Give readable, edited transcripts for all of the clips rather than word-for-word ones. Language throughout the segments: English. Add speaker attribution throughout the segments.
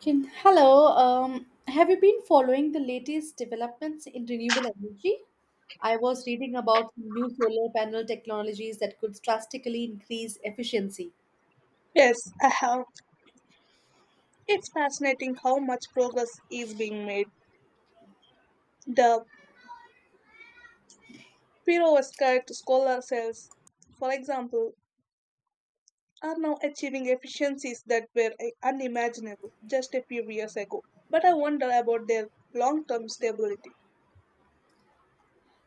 Speaker 1: Hello. Have you been following the latest developments in renewable energy? I was reading about new solar panel technologies that could drastically increase efficiency.
Speaker 2: Yes, I have. It's fascinating how much progress is being made. The perovskite solar cells, for example, are now achieving efficiencies that were unimaginable just a few years ago. But I wonder about their long term stability.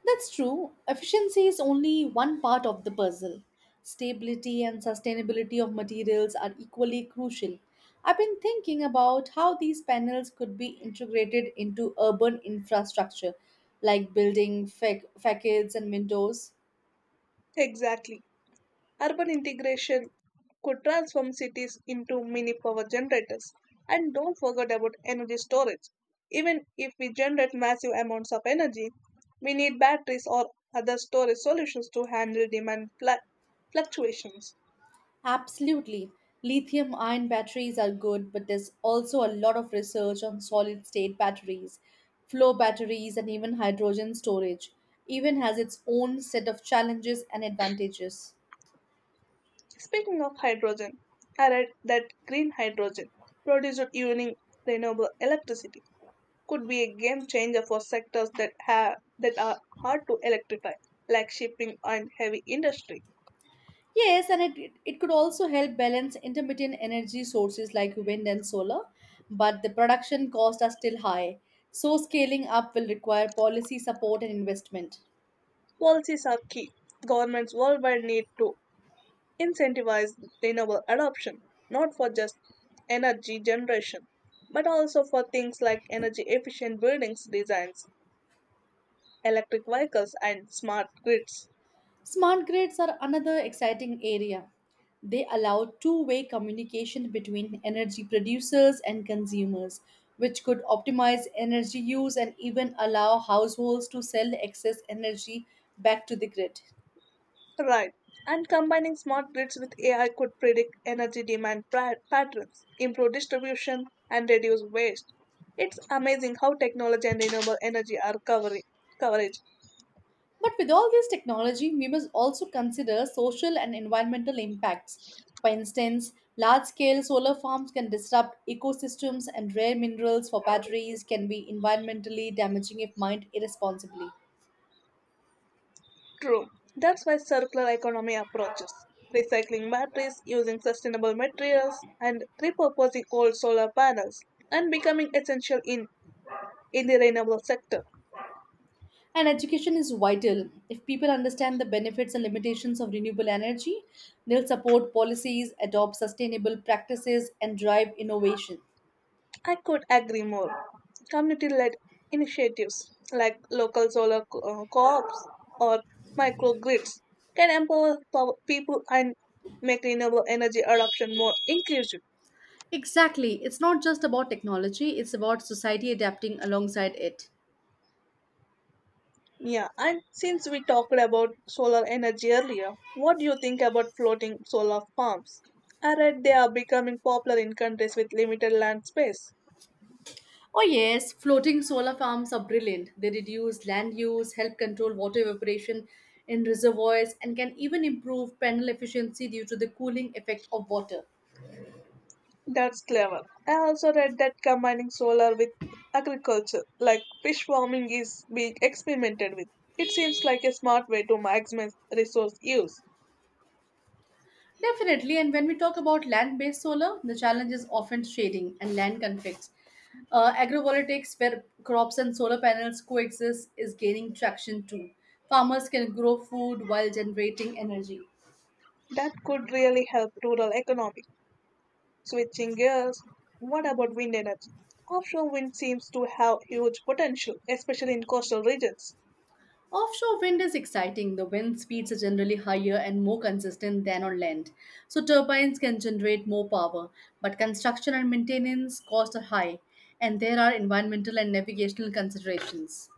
Speaker 1: That's true. Efficiency is only one part of the puzzle. Stability and sustainability of materials are equally crucial. I've been thinking about how these panels could be integrated into urban infrastructure like building facades and windows.
Speaker 2: Exactly. Urban integration could transform cities into mini power generators. And don't forget about energy storage. Even if we generate massive amounts of energy, we need batteries or other storage solutions to handle demand fluctuations.
Speaker 1: Absolutely. Lithium ion batteries are good, but there's also a lot of research on solid state batteries, flow batteries, and even hydrogen storage. Even has its own set of challenges and advantages.
Speaker 2: Speaking of hydrogen, I read that green hydrogen produced using renewable electricity could be a game changer for sectors that are hard to electrify, like shipping and heavy industry.
Speaker 1: Yes, and it could also help balance intermittent energy sources like wind and solar, but the production costs are still high. So, scaling up will require policy support and investment.
Speaker 2: Policies are key. Governments worldwide need to incentivize renewable adoption, not for just energy generation, but also for things like energy efficient buildings designs, electric vehicles, and smart grids.
Speaker 1: Smart grids are another exciting area. They allow two-way communication between energy producers and consumers, which could optimize energy use and even allow households to sell excess energy back to the grid.
Speaker 2: Right. And combining smart grids with AI could predict energy demand patterns, improve distribution, and reduce waste. It's amazing how technology and renewable energy are covering coverage.
Speaker 1: But with all this technology, we must also consider social and environmental impacts. For instance, large scale solar farms can disrupt ecosystems, and rare minerals for batteries can be environmentally damaging if mined irresponsibly.
Speaker 2: True. That's why circular economy approaches recycling batteries, using sustainable materials, and repurposing old solar panels, and becoming essential in the renewable sector.
Speaker 1: And education is vital. If people understand the benefits and limitations of renewable energy, they'll support policies, adopt sustainable practices, and drive innovation.
Speaker 2: I could agree more. Community led initiatives like local solar co ops or microgrids can empower people and make renewable energy adoption more inclusive.
Speaker 1: Exactly. It's not just about technology, it's about society adapting alongside it.
Speaker 2: Yeah, and since we talked about solar energy earlier, what do you think about floating solar farms? I read they are becoming popular in countries with limited land space.
Speaker 1: Oh, yes, floating solar farms are brilliant. They reduce land use, help control water evaporation in reservoirs, and can even improve panel efficiency due to the cooling effect of water.
Speaker 2: That's clever. I also read that combining solar with agriculture, like fish farming, is being experimented with. It seems like a smart way to maximize resource use.
Speaker 1: Definitely, and when we talk about land based solar, the challenge is often shading and land conflicts. Agrovoltaics, where crops and solar panels coexist, is gaining traction too. Farmers can grow food while generating energy.
Speaker 2: That could really help rural economy. Switching gears, what about wind energy? Offshore wind seems to have huge potential, especially in coastal regions.
Speaker 1: Offshore wind is exciting. The wind speeds are generally higher and more consistent than on land. So, turbines can generate more power, but construction and maintenance costs are high, and there are environmental and navigational considerations.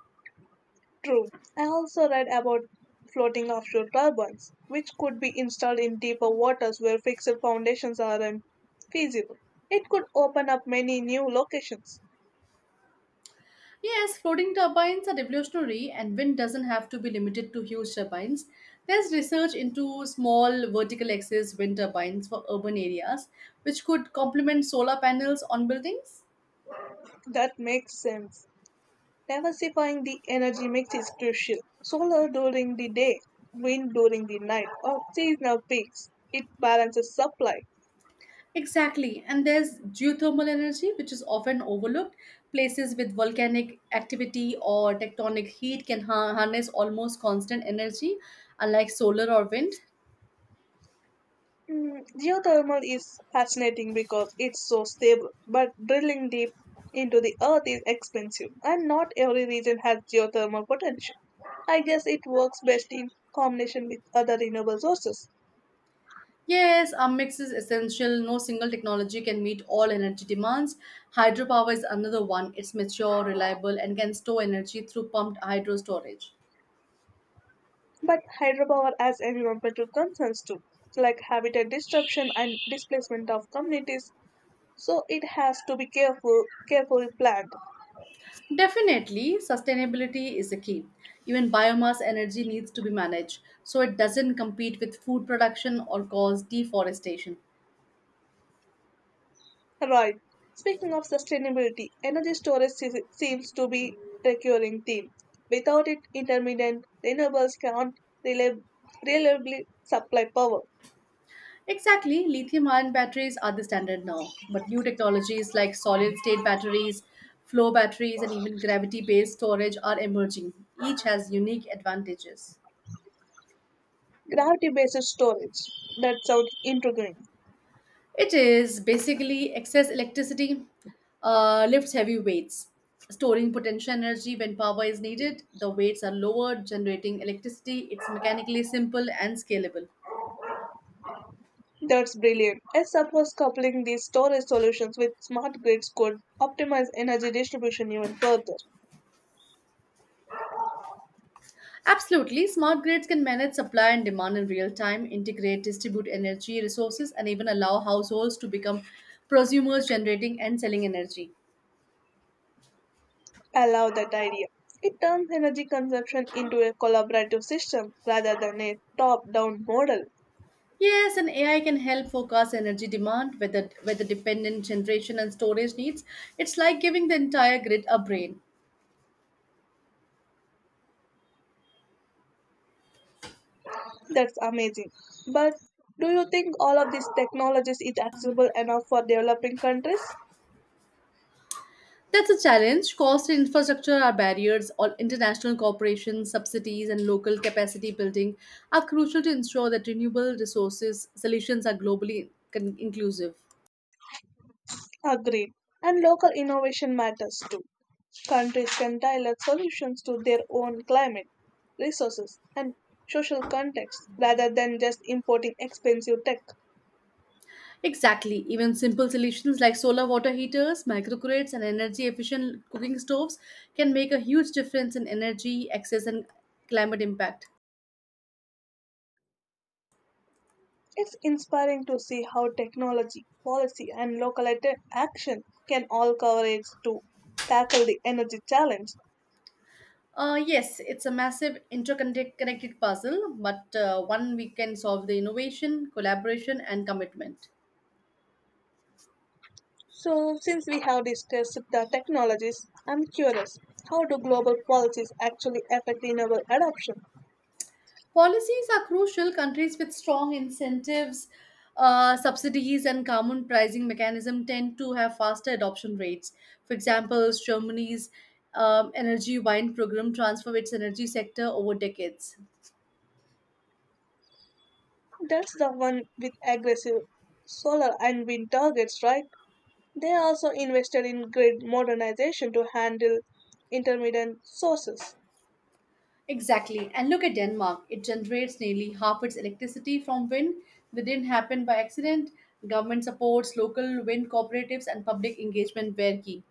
Speaker 2: True. I also read about floating offshore turbines, which could be installed in deeper waters where fixed foundations are unfeasible. It could open up many new locations.
Speaker 1: Yes, floating turbines are revolutionary, and wind doesn't have to be limited to huge turbines. There's research into small vertical axis wind turbines for urban areas, which could complement solar panels on buildings.
Speaker 2: That makes sense. Diversifying the energy mix is crucial. Solar during the day, wind during the night, or seasonal peaks. It balances supply.
Speaker 1: Exactly, and there's geothermal energy, which is often overlooked. Places with volcanic activity or tectonic heat can harness almost constant energy, unlike solar or wind.
Speaker 2: Mm, geothermal is fascinating because it's so stable, but drilling deep into the earth is expensive, and not every region has geothermal potential. I guess it works best in combination with other renewable sources.
Speaker 1: Yes, a mix is essential. No single technology can meet all energy demands. Hydropower is another one. It's mature, reliable, and can store energy through pumped hydro storage.
Speaker 2: But hydropower has environmental concerns too, like habitat disruption and displacement of communities, so it has to be carefully planned.
Speaker 1: Definitely, sustainability is a key. Even biomass energy needs to be managed so it doesn't compete with food production or cause deforestation.
Speaker 2: Right. Speaking of sustainability, energy storage seems to be recurring theme. Without it, intermittent renewables cannot reliab- reliably supply power.
Speaker 1: Exactly, lithium ion batteries are the standard now, but new technologies like solid state batteries, flow batteries, and even gravity based storage are emerging. Each has unique advantages.
Speaker 2: Gravity-based storage. That sounds intriguing.
Speaker 1: It is basically excess electricity lifts heavy weights, storing potential energy when power is needed. The weights are lowered, generating electricity. It's mechanically simple and scalable.
Speaker 2: That's brilliant. I suppose coupling these storage solutions with smart grids could optimize energy distribution even further.
Speaker 1: Absolutely, smart grids can manage supply and demand in real time, integrate, distribute energy resources, and even allow households to become prosumers generating and selling energy.
Speaker 2: I love that idea. It turns energy consumption into a collaborative system rather than a top-down model.
Speaker 1: Yes, and AI can help forecast energy demand, weather, weather dependent generation and storage needs. It's like giving the entire grid a brain.
Speaker 2: That's amazing. But do you think all of these technologies is accessible enough for developing countries?
Speaker 1: That's a challenge. Cost and infrastructure are barriers. All international corporations, subsidies, and local capacity building are crucial to ensure that renewable resources solutions are globally inclusive.
Speaker 2: Agreed. And local innovation matters too. Countries can tailor solutions to their own climate, resources, and social context rather than just importing expensive tech.
Speaker 1: Exactly. Even simple solutions like solar water heaters, microgrids, and energy efficient cooking stoves can make a huge difference in energy access and climate impact.
Speaker 2: It's inspiring to see how technology, policy, and local action can all coverage to tackle the energy challenge.
Speaker 1: Yes, it's a massive interconnected puzzle, but one we can solve the innovation, collaboration, and commitment.
Speaker 2: So, since we have discussed the technologies, I'm curious, how do global policies actually affect renewable adoption?
Speaker 1: Policies are crucial. Countries with strong incentives, subsidies, and common pricing mechanism tend to have faster adoption rates. For example, Germany's energy wine program transformed its energy sector over decades.
Speaker 2: That's the one with aggressive solar and wind targets, right? They also invested in grid modernization to handle intermittent sources.
Speaker 1: Exactly. And look at Denmark. It generates nearly half its electricity from wind. That didn't happen by accident. Government supports local wind cooperatives and public engagement were key.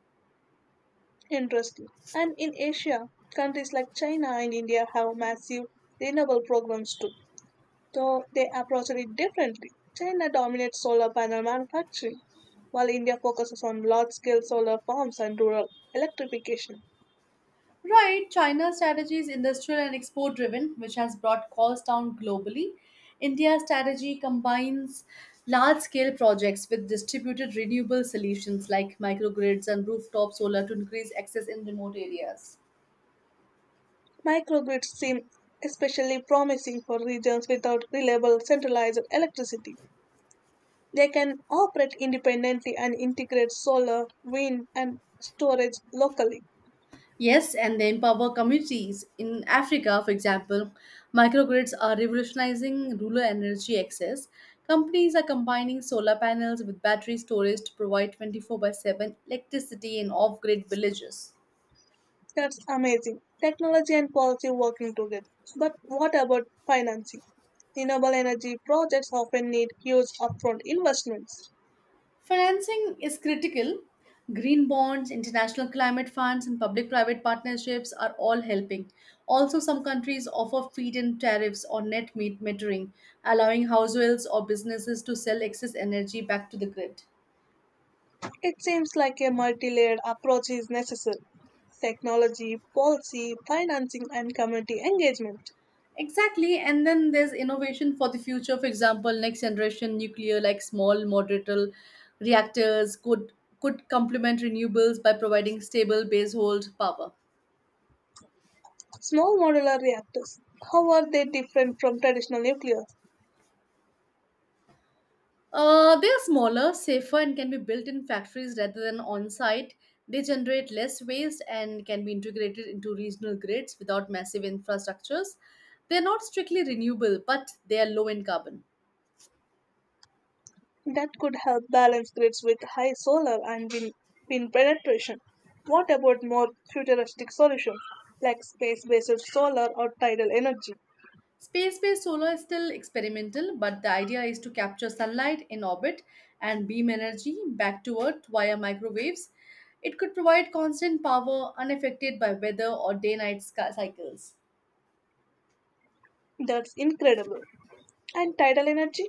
Speaker 2: Interesting. And in Asia, countries like China and India have massive renewable programs too. So they approached it differently. China dominates solar panel manufacturing, while India focuses on large scale solar farms and rural electrification.
Speaker 1: Right, China's strategy is industrial and export driven, which has brought costs down globally. India's strategy combines large scale projects with distributed renewable solutions like microgrids and rooftop solar to increase access in remote areas.
Speaker 2: Microgrids seem especially promising for regions without reliable centralized electricity. They can operate independently and integrate solar, wind, and storage locally.
Speaker 1: Yes, and they empower communities. In Africa, for example, microgrids are revolutionizing rural energy access. Companies are combining solar panels with battery storage to provide 24 by 7 electricity in off grid villages.
Speaker 2: That's amazing. Technology and policy working together. But what about financing? Renewable energy projects often need huge upfront investments.
Speaker 1: Financing is critical. Green bonds, international climate funds, and public private partnerships are all helping. Also, some countries offer feed in tariffs or metering, allowing households or businesses to sell excess energy back to the grid.
Speaker 2: It seems like a multi layered approach is necessary, technology, policy, financing, and community engagement.
Speaker 1: Exactly, and then there's innovation for the future. For example, next generation nuclear, like small modular reactors, could complement renewables by providing stable base hold power.
Speaker 2: Small modular reactors. How are they different from traditional nuclear?
Speaker 1: They are smaller, safer, and can be built in factories rather than on site. They generate less waste and can be integrated into regional grids without massive infrastructures. They are not strictly renewable, but they are low in carbon.
Speaker 2: That could help balance grids with high solar and wind penetration. What about more futuristic solutions like space based solar or tidal energy?
Speaker 1: Space based solar is still experimental, but the idea is to capture sunlight in orbit and beam energy back to Earth via microwaves. It could provide constant power unaffected by weather or day night cycles.
Speaker 2: That's incredible. And tidal energy?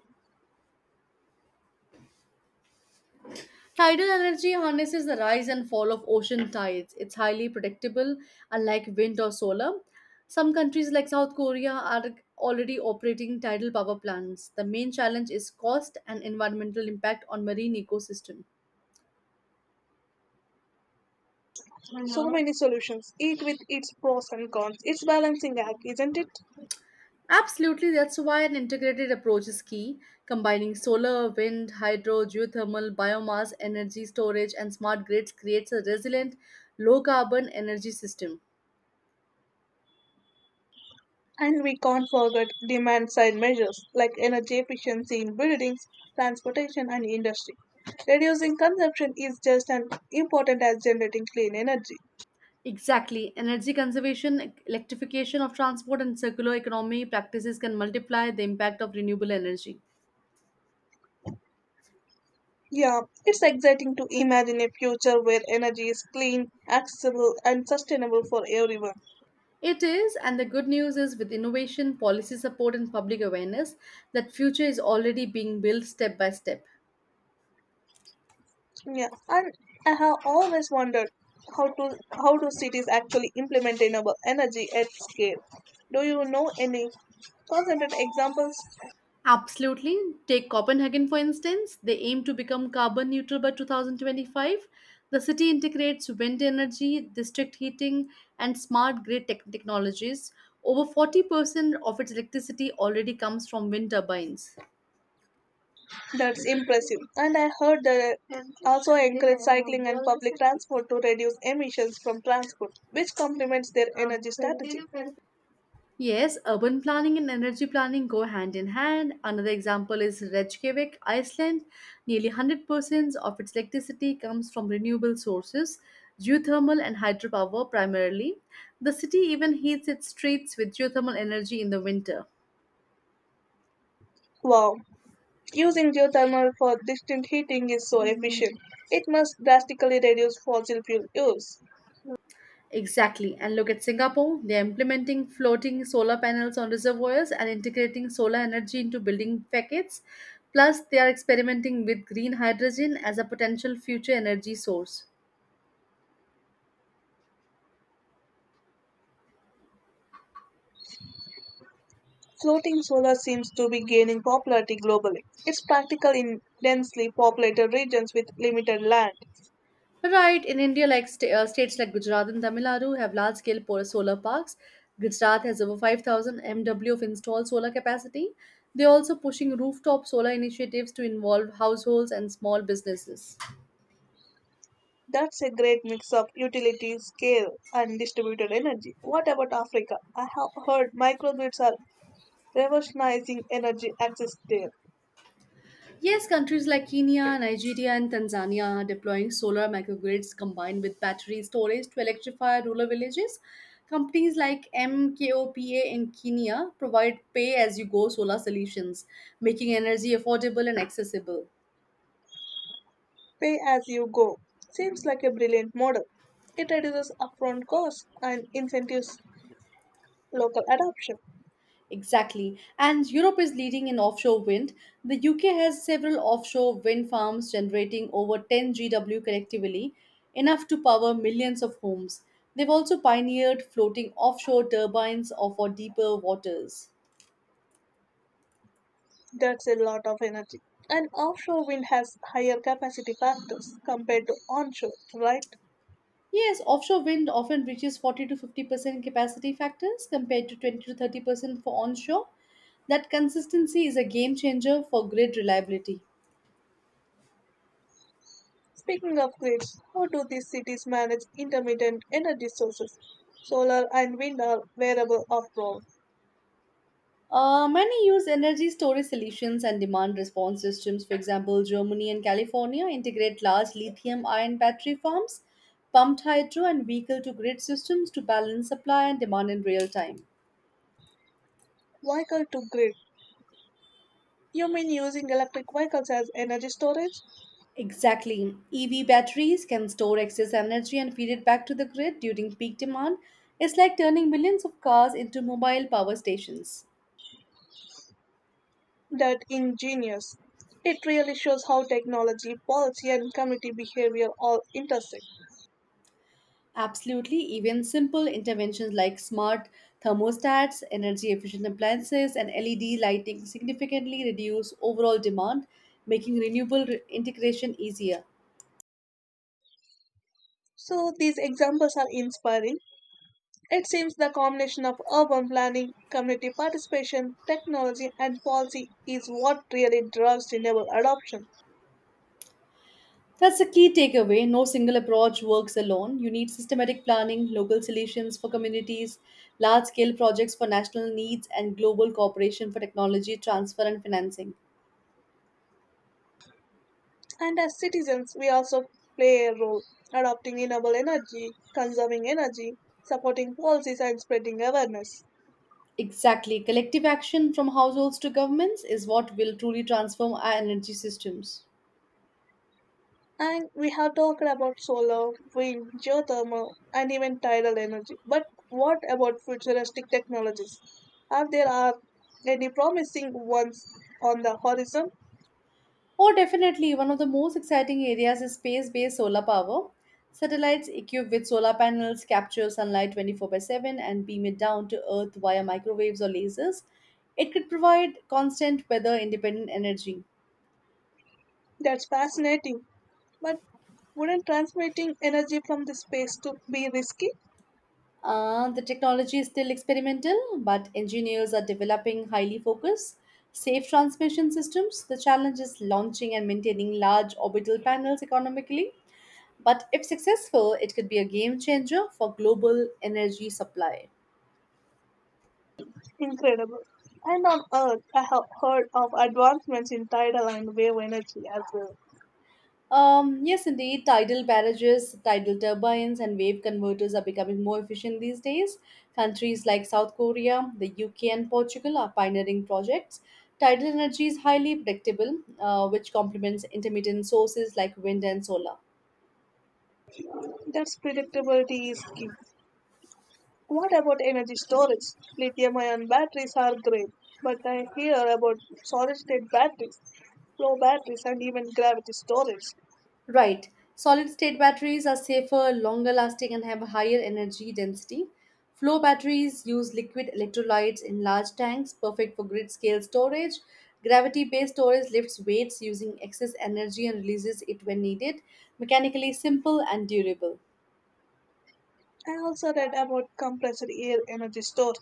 Speaker 1: Tidal energy harnesses the rise and fall of ocean tides. It's highly predictable, unlike wind or solar. Some countries like South Korea are already operating tidal power plants. The main challenge is cost and environmental impact on marine ecosystem.
Speaker 2: So many solutions, each with its pros and cons. It's balancing act, isn't it?
Speaker 1: Absolutely, that's why an integrated approach is key, combining solar, wind, hydro, geothermal, biomass, energy storage, and smart grids creates a resilient, low carbon energy system.
Speaker 2: And we can't forget demand side measures like energy efficiency in buildings, transportation, and industry. Reducing consumption is just as important as generating clean energy.
Speaker 1: Exactly. Energy conservation, electrification of transport, and circular economy practices can multiply the impact of renewable energy.
Speaker 2: Yeah, it's exciting to imagine a future where energy is clean, accessible, and sustainable for everyone.
Speaker 1: It is, and the good news is with innovation, policy support, and public awareness, that future is already being built step by step.
Speaker 2: Yeah, and I have always wondered how do cities actually implement renewable energy at scale? Do you know any concentrated examples?
Speaker 1: Absolutely. Take Copenhagen, for instance. They aim to become carbon neutral by 2025. The city integrates wind energy, district heating, and smart grid tech technologies. Over 40% of its electricity already comes from wind turbines.
Speaker 2: That's impressive. And I heard that also encourage cycling and public transport to reduce emissions from transport, which complements their energy strategy.
Speaker 1: Yes, urban planning and energy planning go hand in hand. Another example is Reykjavik, Iceland. Nearly 100% of its electricity comes from renewable sources, geothermal and hydropower primarily. The city even heats its streets with geothermal energy in the winter.
Speaker 2: Wow, using geothermal for distant heating is so efficient. It must drastically reduce fossil fuel use.
Speaker 1: Exactly. And look at Singapore. They're implementing floating solar panels on reservoirs and integrating solar energy into building facades. Plus, they are experimenting with green hydrogen as a potential future energy source.
Speaker 2: Floating solar seems to be gaining popularity globally. It's practical in densely populated regions with limited land.
Speaker 1: Right, in India, like states like Gujarat and Tamil Nadu have large-scale solar parks. Gujarat has over 5,000 MW of installed solar capacity. They're also pushing rooftop solar initiatives to involve households and small businesses.
Speaker 2: That's a great mix of utility scale and distributed energy. What about Africa? I have heard microgrids are revolutionizing energy access there.
Speaker 1: Yes, countries like Kenya, Nigeria, and Tanzania are deploying solar microgrids combined with battery storage to electrify rural villages. Companies like MKOPA in Kenya provide pay as you go solar solutions, making energy affordable and accessible.
Speaker 2: Pay as you go seems like a brilliant model. It reduces upfront costs and incentives local adoption.
Speaker 1: Exactly. And Europe is leading in offshore wind. The UK has several offshore wind farms generating over 10 GW collectively, enough to power millions of homes. They've also pioneered floating offshore turbines for deeper waters.
Speaker 2: That's a lot of energy. And offshore wind has higher capacity factors compared to onshore, right?
Speaker 1: Yes, offshore wind often reaches 40 to 50% capacity factors compared to 20 to 30% for onshore. That consistency is a game changer for grid reliability.
Speaker 2: Speaking of grids, how do these cities manage intermittent energy sources? Solar and wind are variable after all.
Speaker 1: Many use energy storage solutions and demand response systems. For example, Germany and California integrate large lithium ion battery farms, pumped hydro, and vehicle to grid systems to balance supply and demand in real time.
Speaker 2: Vehicle to grid. You mean using electric vehicles as energy storage?
Speaker 1: Exactly. EV batteries can store excess energy and feed it back to the grid during peak demand. It's like turning millions of cars into mobile power stations.
Speaker 2: That ingenious. It really shows how technology, policy, and community behavior all intersect.
Speaker 1: Absolutely, even simple interventions like smart thermostats, energy efficient appliances, and LED lighting significantly reduce overall demand, making integration easier.
Speaker 2: So these examples are inspiring. It seems the combination of urban planning, community participation, technology, and policy is what really drives renewable adoption.
Speaker 1: That's the key takeaway. No single approach works alone. You need systematic planning, local solutions for communities, large scale projects for national needs, and global cooperation for technology transfer and financing.
Speaker 2: And as citizens, we also play a role adopting renewable energy, conserving energy, supporting policies, and spreading awareness.
Speaker 1: Exactly. Collective action from households to governments is what will truly transform our energy systems.
Speaker 2: And we have talked about solar, wind, geothermal, and even tidal energy. But what about futuristic technologies? Are there are any promising ones on the horizon?
Speaker 1: Oh, definitely. One of the most exciting areas is space based solar power. Satellites equipped with solar panels capture sunlight 24 by 7 and beam it down to Earth via microwaves or lasers. It could provide constant weather independent energy.
Speaker 2: That's fascinating. But wouldn't transmitting energy from the space to be risky?
Speaker 1: The technology is still experimental, but engineers are developing highly focused, safe transmission systems. The challenge is launching and maintaining large orbital panels economically. But if successful, it could be a game changer for global energy supply.
Speaker 2: Incredible. And on Earth, I have heard of advancements in tidal and wave energy as well.
Speaker 1: Yes, indeed, tidal barrages, tidal turbines, and wave converters are becoming more efficient these days. Countries like South Korea, the UK, and Portugal are pioneering projects. Tidal energy is highly predictable, which complements intermittent sources like wind and solar.
Speaker 2: That's predictability is key. What about energy storage? Lithium ion batteries are great, but I hear about solid state batteries, flow batteries, and even gravity storage.
Speaker 1: Right. Solid state batteries are safer, longer lasting, and have a higher energy density. Flow batteries use liquid electrolytes in large tanks, perfect for grid scale storage. Gravity based storage lifts weights using excess energy and releases it when needed. Mechanically simple and durable.
Speaker 2: I also read about compressed air energy storage.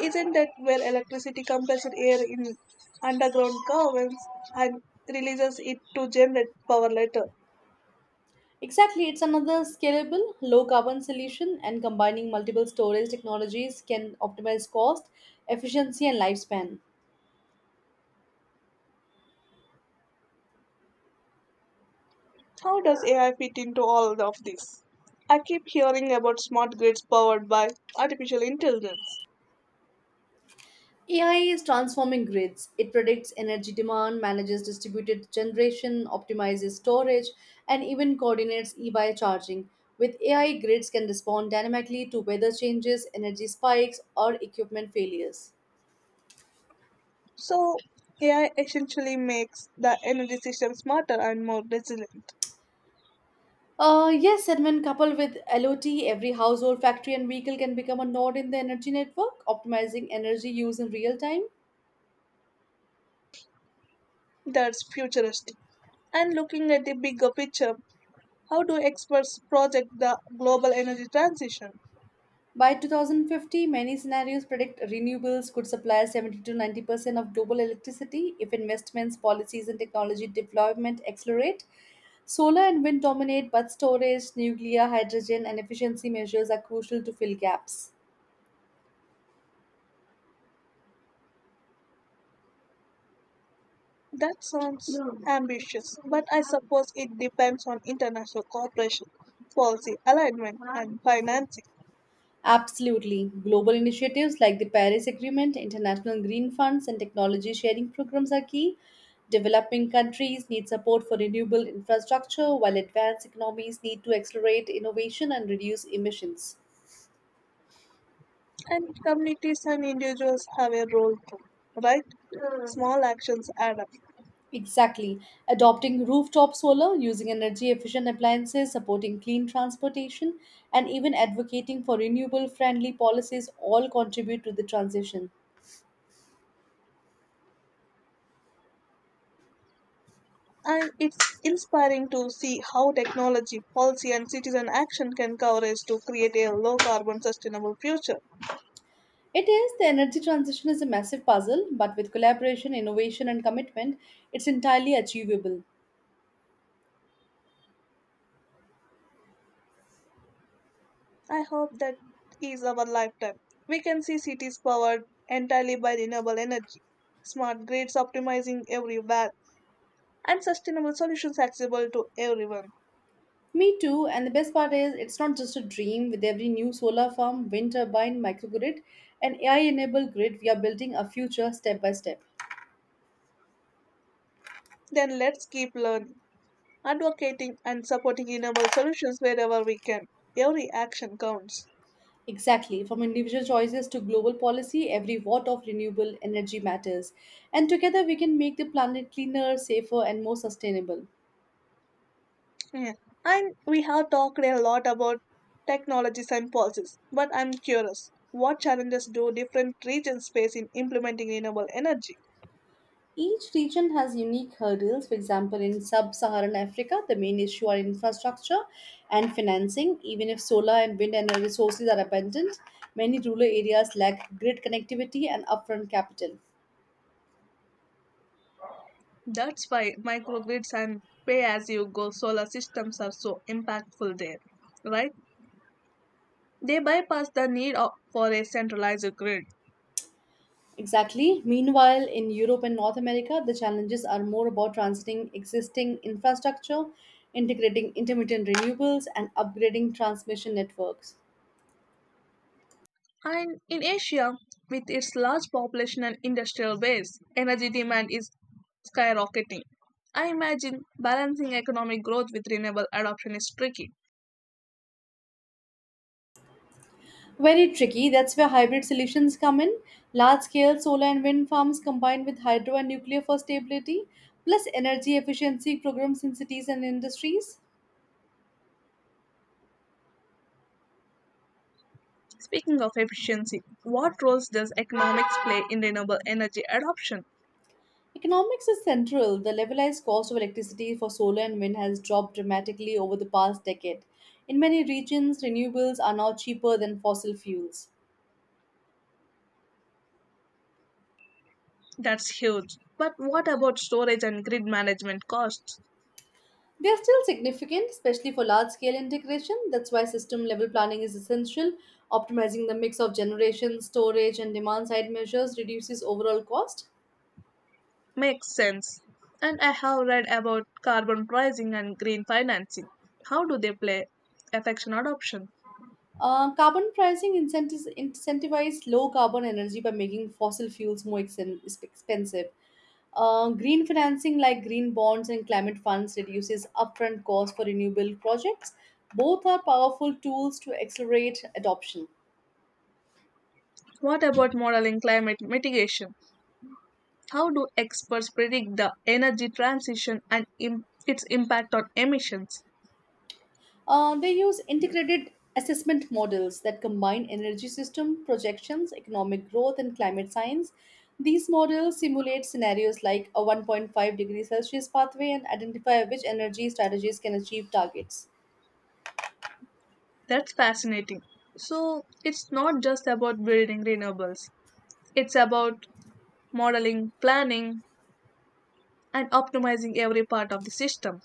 Speaker 2: Isn't that where electricity compresses air in underground caverns and releases it to generate power later?
Speaker 1: Exactly, it's another scalable, low carbon solution, and combining multiple storage technologies can optimize cost, efficiency, and lifespan.
Speaker 2: How does AI fit into all of this? I keep hearing about smart grids powered by artificial intelligence.
Speaker 1: AI is transforming grids. It predicts energy demand, manages distributed generation, optimizes storage, and even coordinates e-bike charging. With AI, grids can respond dynamically to weather changes, energy spikes, or equipment failures.
Speaker 2: So, AI essentially makes the energy system smarter and more resilient.
Speaker 1: Yes, and when coupled with LOT, every household, factory, and vehicle can become a node in the energy network, optimizing energy use in real time.
Speaker 2: That's futuristic. And looking at the bigger picture, how do experts project the global energy transition?
Speaker 1: By 2050, many scenarios predict renewables could supply 70 to 90% of global electricity if investments, policies, and technology deployment accelerate. Solar and wind dominate, but storage, nuclear, hydrogen, and efficiency measures are crucial to fill gaps.
Speaker 2: That sounds ambitious, but I suppose it depends on international cooperation, policy alignment, and financing.
Speaker 1: Absolutely. Global initiatives like the Paris Agreement, international green funds, and technology sharing programs are key. Developing countries need support for renewable infrastructure, while advanced economies need to accelerate innovation and reduce emissions.
Speaker 2: And communities and individuals have a role too, right? Small actions add up.
Speaker 1: Exactly. Adopting rooftop solar, using energy efficient appliances, supporting clean transportation, and even advocating for renewable friendly policies all contribute to the transition.
Speaker 2: And it's inspiring to see how technology, policy, and citizen action can coverage to create a low carbon sustainable future.
Speaker 1: It is. The energy transition is a massive puzzle, but with collaboration, innovation, and commitment, it's entirely achievable.
Speaker 2: I hope that is our lifetime. We can see cities powered entirely by renewable energy, smart grids optimizing everywhere and sustainable solutions accessible to everyone.
Speaker 1: Me too, and the best part is it's not just a dream. With every new solar farm, wind turbine, microgrid, and AI enabled grid, we are building a future step by step.
Speaker 2: Then let's keep learning, advocating, and supporting renewable solutions wherever we can. Every action counts.
Speaker 1: Exactly. From individual choices to global policy, every watt of renewable energy matters. And together we can make the planet cleaner, safer, and more sustainable.
Speaker 2: Yeah. And we have talked a lot about technologies and policies, but I'm curious, what challenges do different regions face in implementing renewable energy?
Speaker 1: Each region has unique hurdles. For example, in sub Saharan Africa, the main issue are infrastructure and financing. Even if solar and wind energy sources are abundant, many rural areas lack grid connectivity and upfront capital.
Speaker 2: That's why microgrids and pay as you go solar systems are so impactful there, right? They bypass the need for a centralized grid.
Speaker 1: Exactly. Meanwhile, in Europe and North America, the challenges are more about transiting existing infrastructure, integrating intermittent renewables, and upgrading transmission networks.
Speaker 2: And in Asia, with its large population and industrial base, energy demand is skyrocketing. I imagine balancing economic growth with renewable adoption is tricky.
Speaker 1: Very tricky. That's where hybrid solutions come in. Large scale solar and wind farms combined with hydro and nuclear for stability, plus energy efficiency programs in cities and industries.
Speaker 2: Speaking of efficiency, what roles does economics play in renewable energy adoption?
Speaker 1: Economics is central. The levelized cost of electricity for solar and wind has dropped dramatically over the past decade. In many regions, renewables are now cheaper than fossil fuels.
Speaker 2: That's huge. But what about storage and grid management costs?
Speaker 1: They are still significant, especially for large scale integration. That's why system level planning is essential. Optimizing the mix of generation, storage, and demand side measures reduces overall cost.
Speaker 2: Makes sense. And I have read about carbon pricing and green financing. How do they play affection adoption?
Speaker 1: Carbon pricing incentives incentivize low carbon energy by making fossil fuels more expensive. Green financing like green bonds and climate funds reduces upfront costs for renewable projects. Both are powerful tools to accelerate adoption.
Speaker 2: What about modeling climate mitigation? How do experts predict the energy transition and its impact on emissions?
Speaker 1: They use integrated assessment models that combine energy system projections, economic growth, and climate science. These models simulate scenarios like a 1.5-degree Celsius pathway and identify which energy strategies can achieve targets.
Speaker 2: That's fascinating. So, it's not just about building renewables, it's about modeling, planning, and optimizing every part of the system.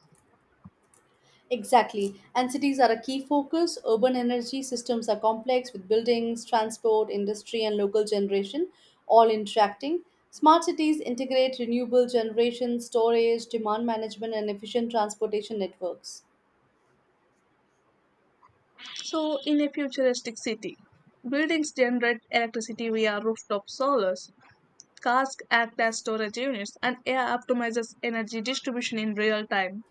Speaker 1: Exactly, and cities are a key focus. Urban energy systems are complex with buildings, transport, industry, and local generation all interacting. Smart cities integrate renewable generation, storage, demand management, and efficient transportation networks.
Speaker 2: So, in a futuristic city, buildings generate electricity via rooftop solars, cars act as storage units, and AI optimizes energy distribution in real time.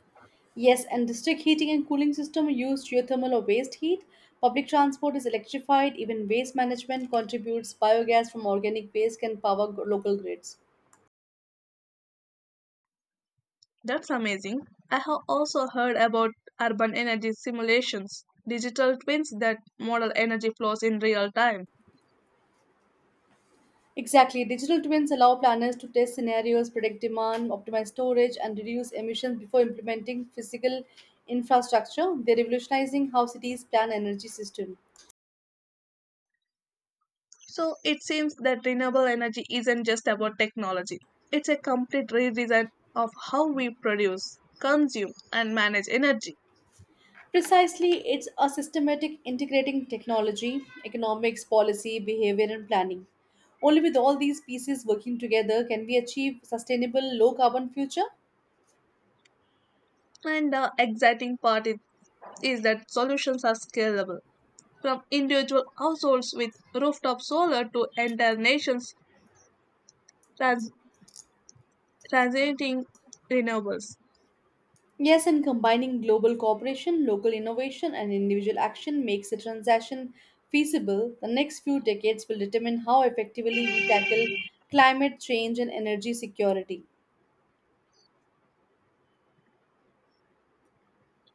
Speaker 1: Yes, and district heating and cooling system use geothermal or waste heat. Public transport is electrified. Even waste management contributes. Biogas from organic waste can power local grids.
Speaker 2: That's amazing. I have also heard about urban energy simulations, digital twins that model energy flows in real time.
Speaker 1: Exactly. Digital twins allow planners to test scenarios, predict demand, optimize storage, and reduce emissions before implementing physical infrastructure. They're revolutionizing how cities plan energy system.
Speaker 2: So it seems that renewable energy isn't just about technology, it's a complete redesign of how we produce, consume, and manage energy.
Speaker 1: Precisely, it's a systematic integrating technology, economics, policy, behavior, and planning. Only with all these pieces working together can we achieve sustainable low carbon future.
Speaker 2: And the exciting part is that solutions are scalable from individual households with rooftop solar to entire nations trans- transiting renewables.
Speaker 1: Yes, and combining global cooperation, local innovation, and individual action makes the transaction feasible. The next few decades will determine how effectively we tackle climate change and energy security.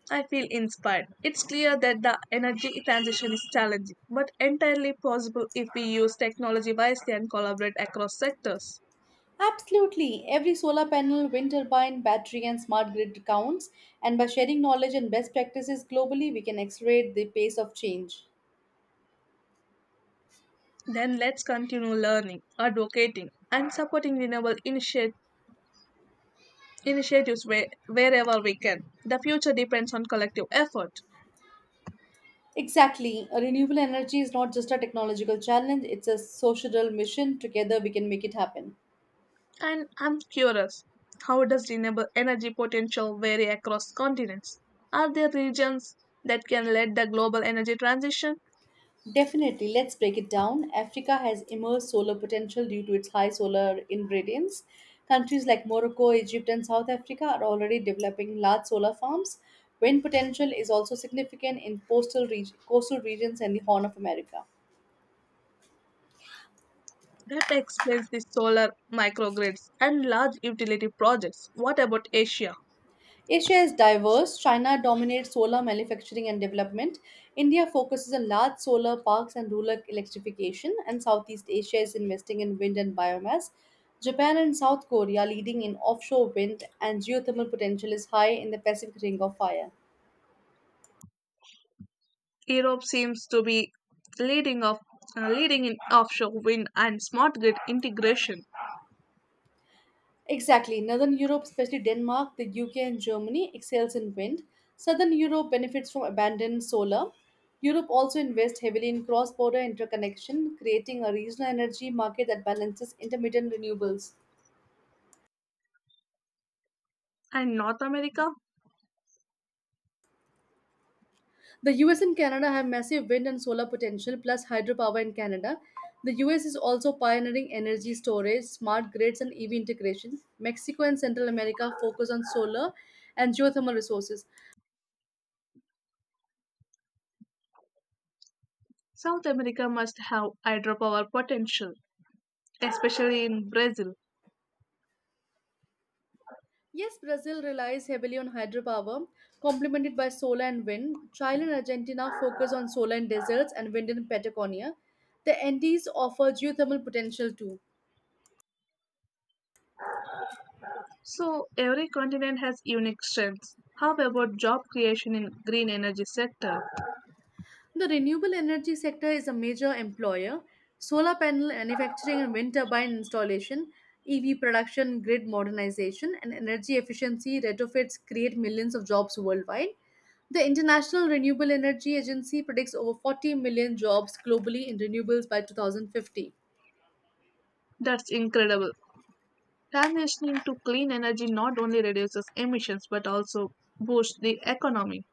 Speaker 2: I feel inspired. It's clear that the energy transition is challenging, but entirely possible if we use technology wisely and collaborate across sectors.
Speaker 1: Absolutely. Every solar panel, wind turbine, battery, and smart grid counts, and by sharing knowledge and best practices globally, we can accelerate the pace of change.
Speaker 2: Then let's continue learning, advocating, and supporting renewable initiatives wherever we can. The future depends on collective effort.
Speaker 1: Exactly. A renewable energy is not just a technological challenge, it's a societal mission. Together, we can make it happen.
Speaker 2: And I'm curious, how does renewable energy potential vary across continents? Are there regions that can lead the global energy transition?
Speaker 1: Definitely, let's break it down. Africa has immense solar potential due to its high solar ingredients. Countries like Morocco, Egypt, and South Africa are already developing large solar farms. Wind potential is also significant in coastal regions and the Horn of America.
Speaker 2: That explains the solar microgrids and large utility projects. What about Asia?
Speaker 1: Asia is diverse. China dominates solar manufacturing and development. India focuses on large solar parks and rural electrification, and Southeast Asia is investing in wind and biomass. Japan and South Korea leading in offshore wind and geothermal potential is high in the Pacific Ring of Fire.
Speaker 2: Europe seems to be leading off, leading in offshore wind and smart grid integration.
Speaker 1: Exactly. Northern Europe, especially Denmark, the UK, and Germany, excels in wind. Southern Europe benefits from abundant solar. Europe also invests heavily in cross border interconnection, creating a regional energy market that balances intermittent renewables.
Speaker 2: And North America?
Speaker 1: The US and Canada have massive wind and solar potential, plus hydropower in Canada. The US is also pioneering energy storage, smart grids, and EV integration. Mexico and Central America focus on solar and geothermal resources.
Speaker 2: South America must have hydropower potential, especially in Brazil.
Speaker 1: Yes, Brazil relies heavily on hydropower, complemented by solar and wind. Chile and Argentina focus on solar in deserts and wind in Patagonia. The Andes offer geothermal potential too.
Speaker 2: So every continent has unique strengths. How about job creation in green energy sector?
Speaker 1: The renewable energy sector is a major employer. Solar panel manufacturing and wind turbine installation, EV production, grid modernization, and energy efficiency retrofits create millions of jobs worldwide. The International Renewable Energy Agency predicts over 40 million jobs globally in renewables by 2050.
Speaker 2: That's incredible. Transitioning to clean energy not only reduces emissions but also boosts the economy.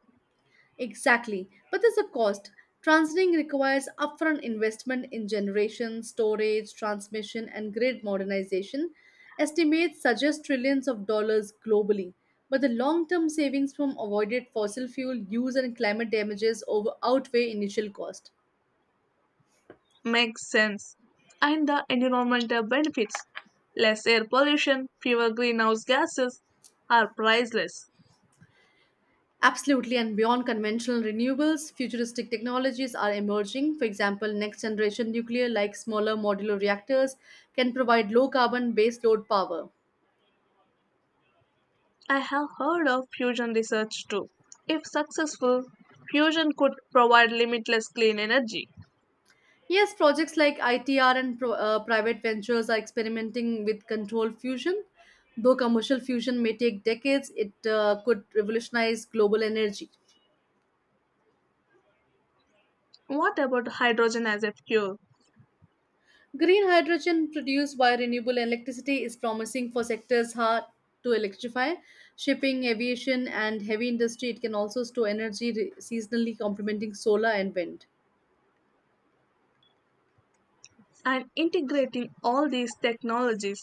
Speaker 1: Exactly. But there's a cost. Transmitting requires upfront investment in generation, storage, transmission, and grid modernization. Estimates suggest trillions of dollars globally. But the long term savings from avoided fossil fuel use and climate damages over outweigh initial cost.
Speaker 2: Makes sense. And the environmental benefits, less air pollution, fewer greenhouse gases, are priceless.
Speaker 1: Absolutely, and beyond conventional renewables, futuristic technologies are emerging. For example, next generation nuclear, like smaller modular reactors, can provide low carbon baseload power.
Speaker 2: I have heard of fusion research too. If successful, fusion could provide limitless clean energy.
Speaker 1: Yes, projects like ITR and private ventures are experimenting with controlled fusion. Though commercial fusion may take decades, it could revolutionize global energy.
Speaker 2: What about hydrogen as a fuel?
Speaker 1: Green hydrogen produced by renewable electricity is promising for sectors hard to electrify, shipping, aviation, and heavy industry. It can also store energy seasonally, complementing solar and wind.
Speaker 2: And integrating all these technologies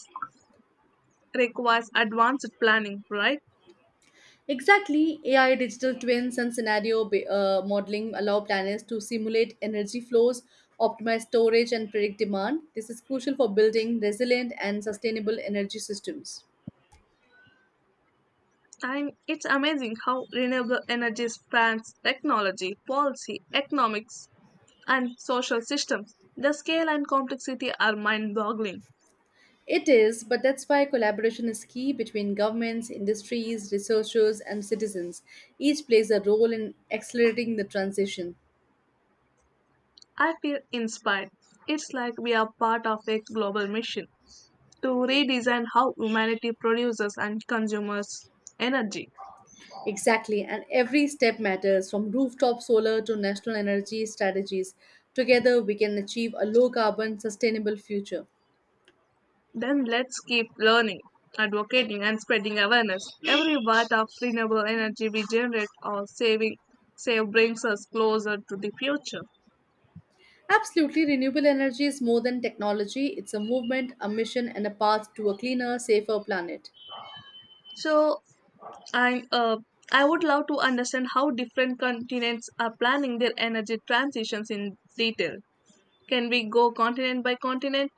Speaker 2: requires advanced planning, right?
Speaker 1: Exactly, AI, digital twins, and scenario modeling allow planners to simulate energy flows, optimize storage, and predict demand. This is crucial for building resilient and sustainable energy systems.
Speaker 2: I It's amazing how renewable energy spans technology, policy, economics, and social systems. The scale and complexity are mind boggling.
Speaker 1: It is, but that's why collaboration is key between governments, industries, researchers, and citizens. Each plays a role in accelerating the transition.
Speaker 2: I feel inspired. It's like we are part of a global mission to redesign how humanity produces and consumes energy.
Speaker 1: Exactly, and every step matters from rooftop solar to national energy strategies. Together, we can achieve a low carbon, sustainable future.
Speaker 2: Then let's keep learning, advocating, and spreading awareness. Every watt of renewable energy we generate or saving save brings us closer to the future.
Speaker 1: Absolutely, renewable energy is more than technology. It's a movement, a mission, and a path to a cleaner, safer planet.
Speaker 2: So And I would love to understand how different continents are planning their energy transitions in detail. Can we go continent by continent?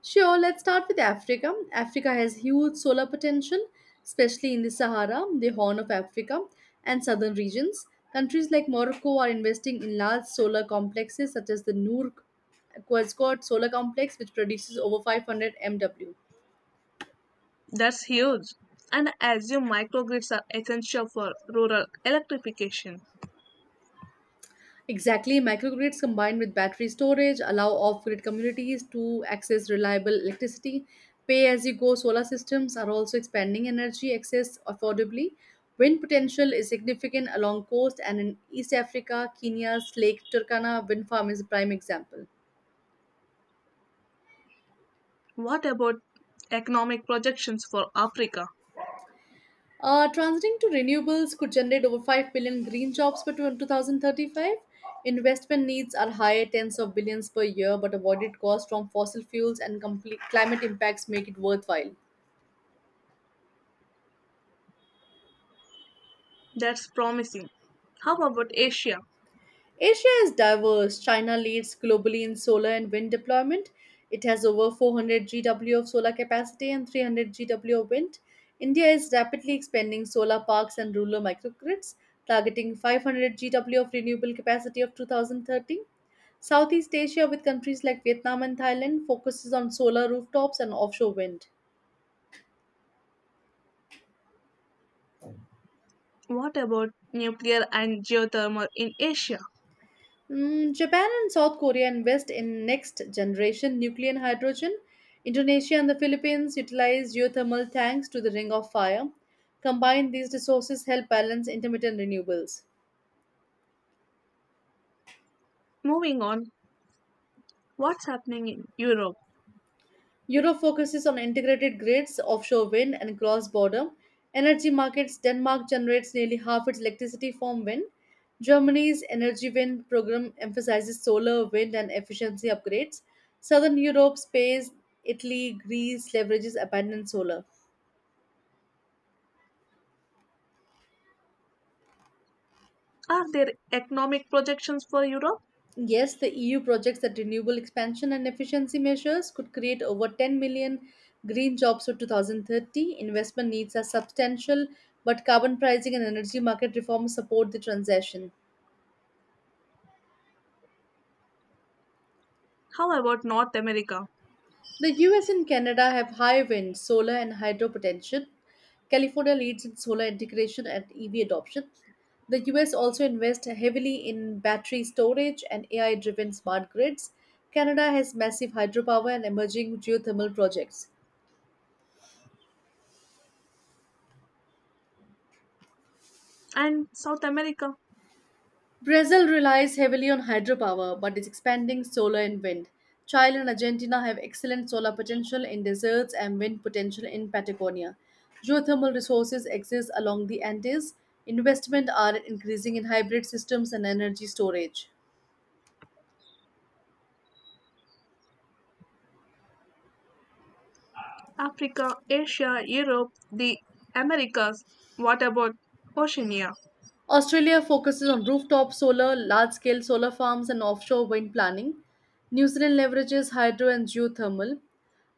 Speaker 1: Sure, let's start with Africa. Africa has huge solar potential, especially in the Sahara, the Horn of Africa, and southern regions. Countries like Morocco are investing in large solar complexes such as the Noor Quasquad solar complex, which produces over 500 MW.
Speaker 2: That's huge. And I assume microgrids are essential for rural electrification.
Speaker 1: Exactly, microgrids combined with battery storage allow off grid communities to access reliable electricity. Pay as you go solar systems are also expanding energy access affordably. Wind potential is significant along coast and in East Africa, Kenya's Lake Turkana wind farm is a prime example.
Speaker 2: What about economic projections for Africa?
Speaker 1: Transiting to renewables could generate over 5 billion green jobs by 2035. Investment needs are higher tens of billions per year, but avoided costs from fossil fuels and complete climate impacts make it worthwhile.
Speaker 2: That's promising. How about Asia?
Speaker 1: Asia is diverse. China leads globally in solar and wind deployment. It has over 400 GW of solar capacity and 300 GW of wind. India is rapidly expanding solar parks and rural microgrids, targeting 500 GW of renewable capacity of 2030. Southeast Asia, with countries like Vietnam and Thailand, focuses on solar rooftops and offshore wind.
Speaker 2: What about nuclear and geothermal in Asia?
Speaker 1: Japan and South Korea invest in next generation nuclear and hydrogen. Indonesia and the Philippines utilize geothermal tanks to the Ring of Fire. Combined, these resources help balance intermittent renewables.
Speaker 2: Moving on, what's happening in Europe?
Speaker 1: Europe focuses on integrated grids, offshore wind, and cross border energy markets. Denmark generates nearly half its electricity from wind. Germany's Energy Wind program emphasizes solar, wind, and efficiency upgrades. Southern Europe, Spain, Italy, Greece leverages abundant solar.
Speaker 2: Are there economic projections for Europe?
Speaker 1: Yes, the EU projects that renewable expansion and efficiency measures could create over 10 million green jobs by 2030. Investment needs are substantial, but carbon pricing and energy market reforms support the transition.
Speaker 2: How about North America
Speaker 1: The US and Canada have high wind, solar, and hydro potential. California leads in solar integration and EV adoption. The US also invests heavily in battery storage and AI driven smart grids. Canada has massive hydropower and emerging geothermal projects.
Speaker 2: and South America,
Speaker 1: Brazil relies heavily on hydropower but is expanding solar and wind. Chile and Argentina have excellent solar potential in deserts and wind potential in Patagonia. Geothermal resources exist along the Andes. Investment are increasing in hybrid systems and energy storage.
Speaker 2: Africa, Asia, Europe, the Americas? What about Oceania?
Speaker 1: Australia focuses on rooftop solar, large scale solar farms, and offshore wind planning. New Zealand leverages hydro and geothermal.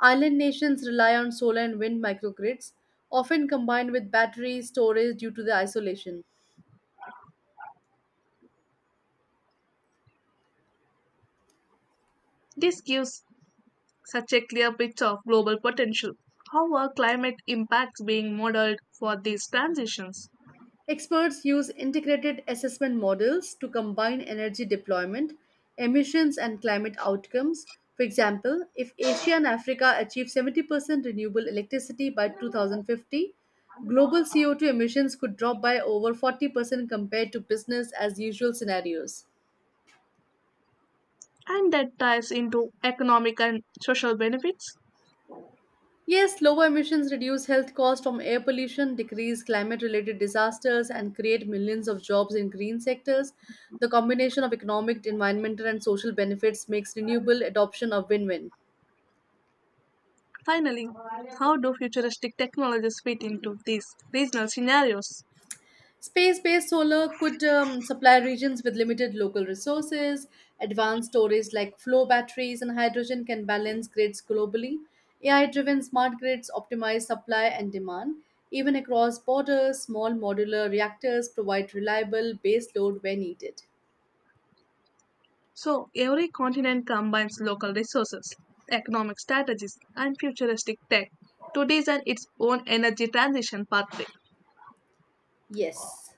Speaker 1: Island nations rely on solar and wind microgrids, often combined with battery storage due to the isolation.
Speaker 2: This gives such a clear picture of global potential. How are climate impacts being modeled for these transitions?
Speaker 1: Experts use integrated assessment models to combine energy deployment, emissions, and climate outcomes. For example, if Asia and Africa achieve 70% renewable electricity by 2050, global CO2 emissions could drop by over 40% compared to business as usual scenarios.
Speaker 2: And that ties into economic and social benefits.
Speaker 1: Yes, lower emissions reduce health costs from air pollution, decrease climate related disasters, and create millions of jobs in green sectors. The combination of economic, environmental, and social benefits makes renewable adoption a win win.
Speaker 2: Finally, how do futuristic technologies fit into these regional scenarios?
Speaker 1: Space based solar could supply regions with limited local resources. Advanced storage like flow batteries and hydrogen can balance grids globally. AI driven smart grids optimize supply and demand. Even across borders, small modular reactors provide reliable base load where needed.
Speaker 2: So, every continent combines local resources, economic strategies, and futuristic tech to design its own energy transition pathway.
Speaker 1: Yes.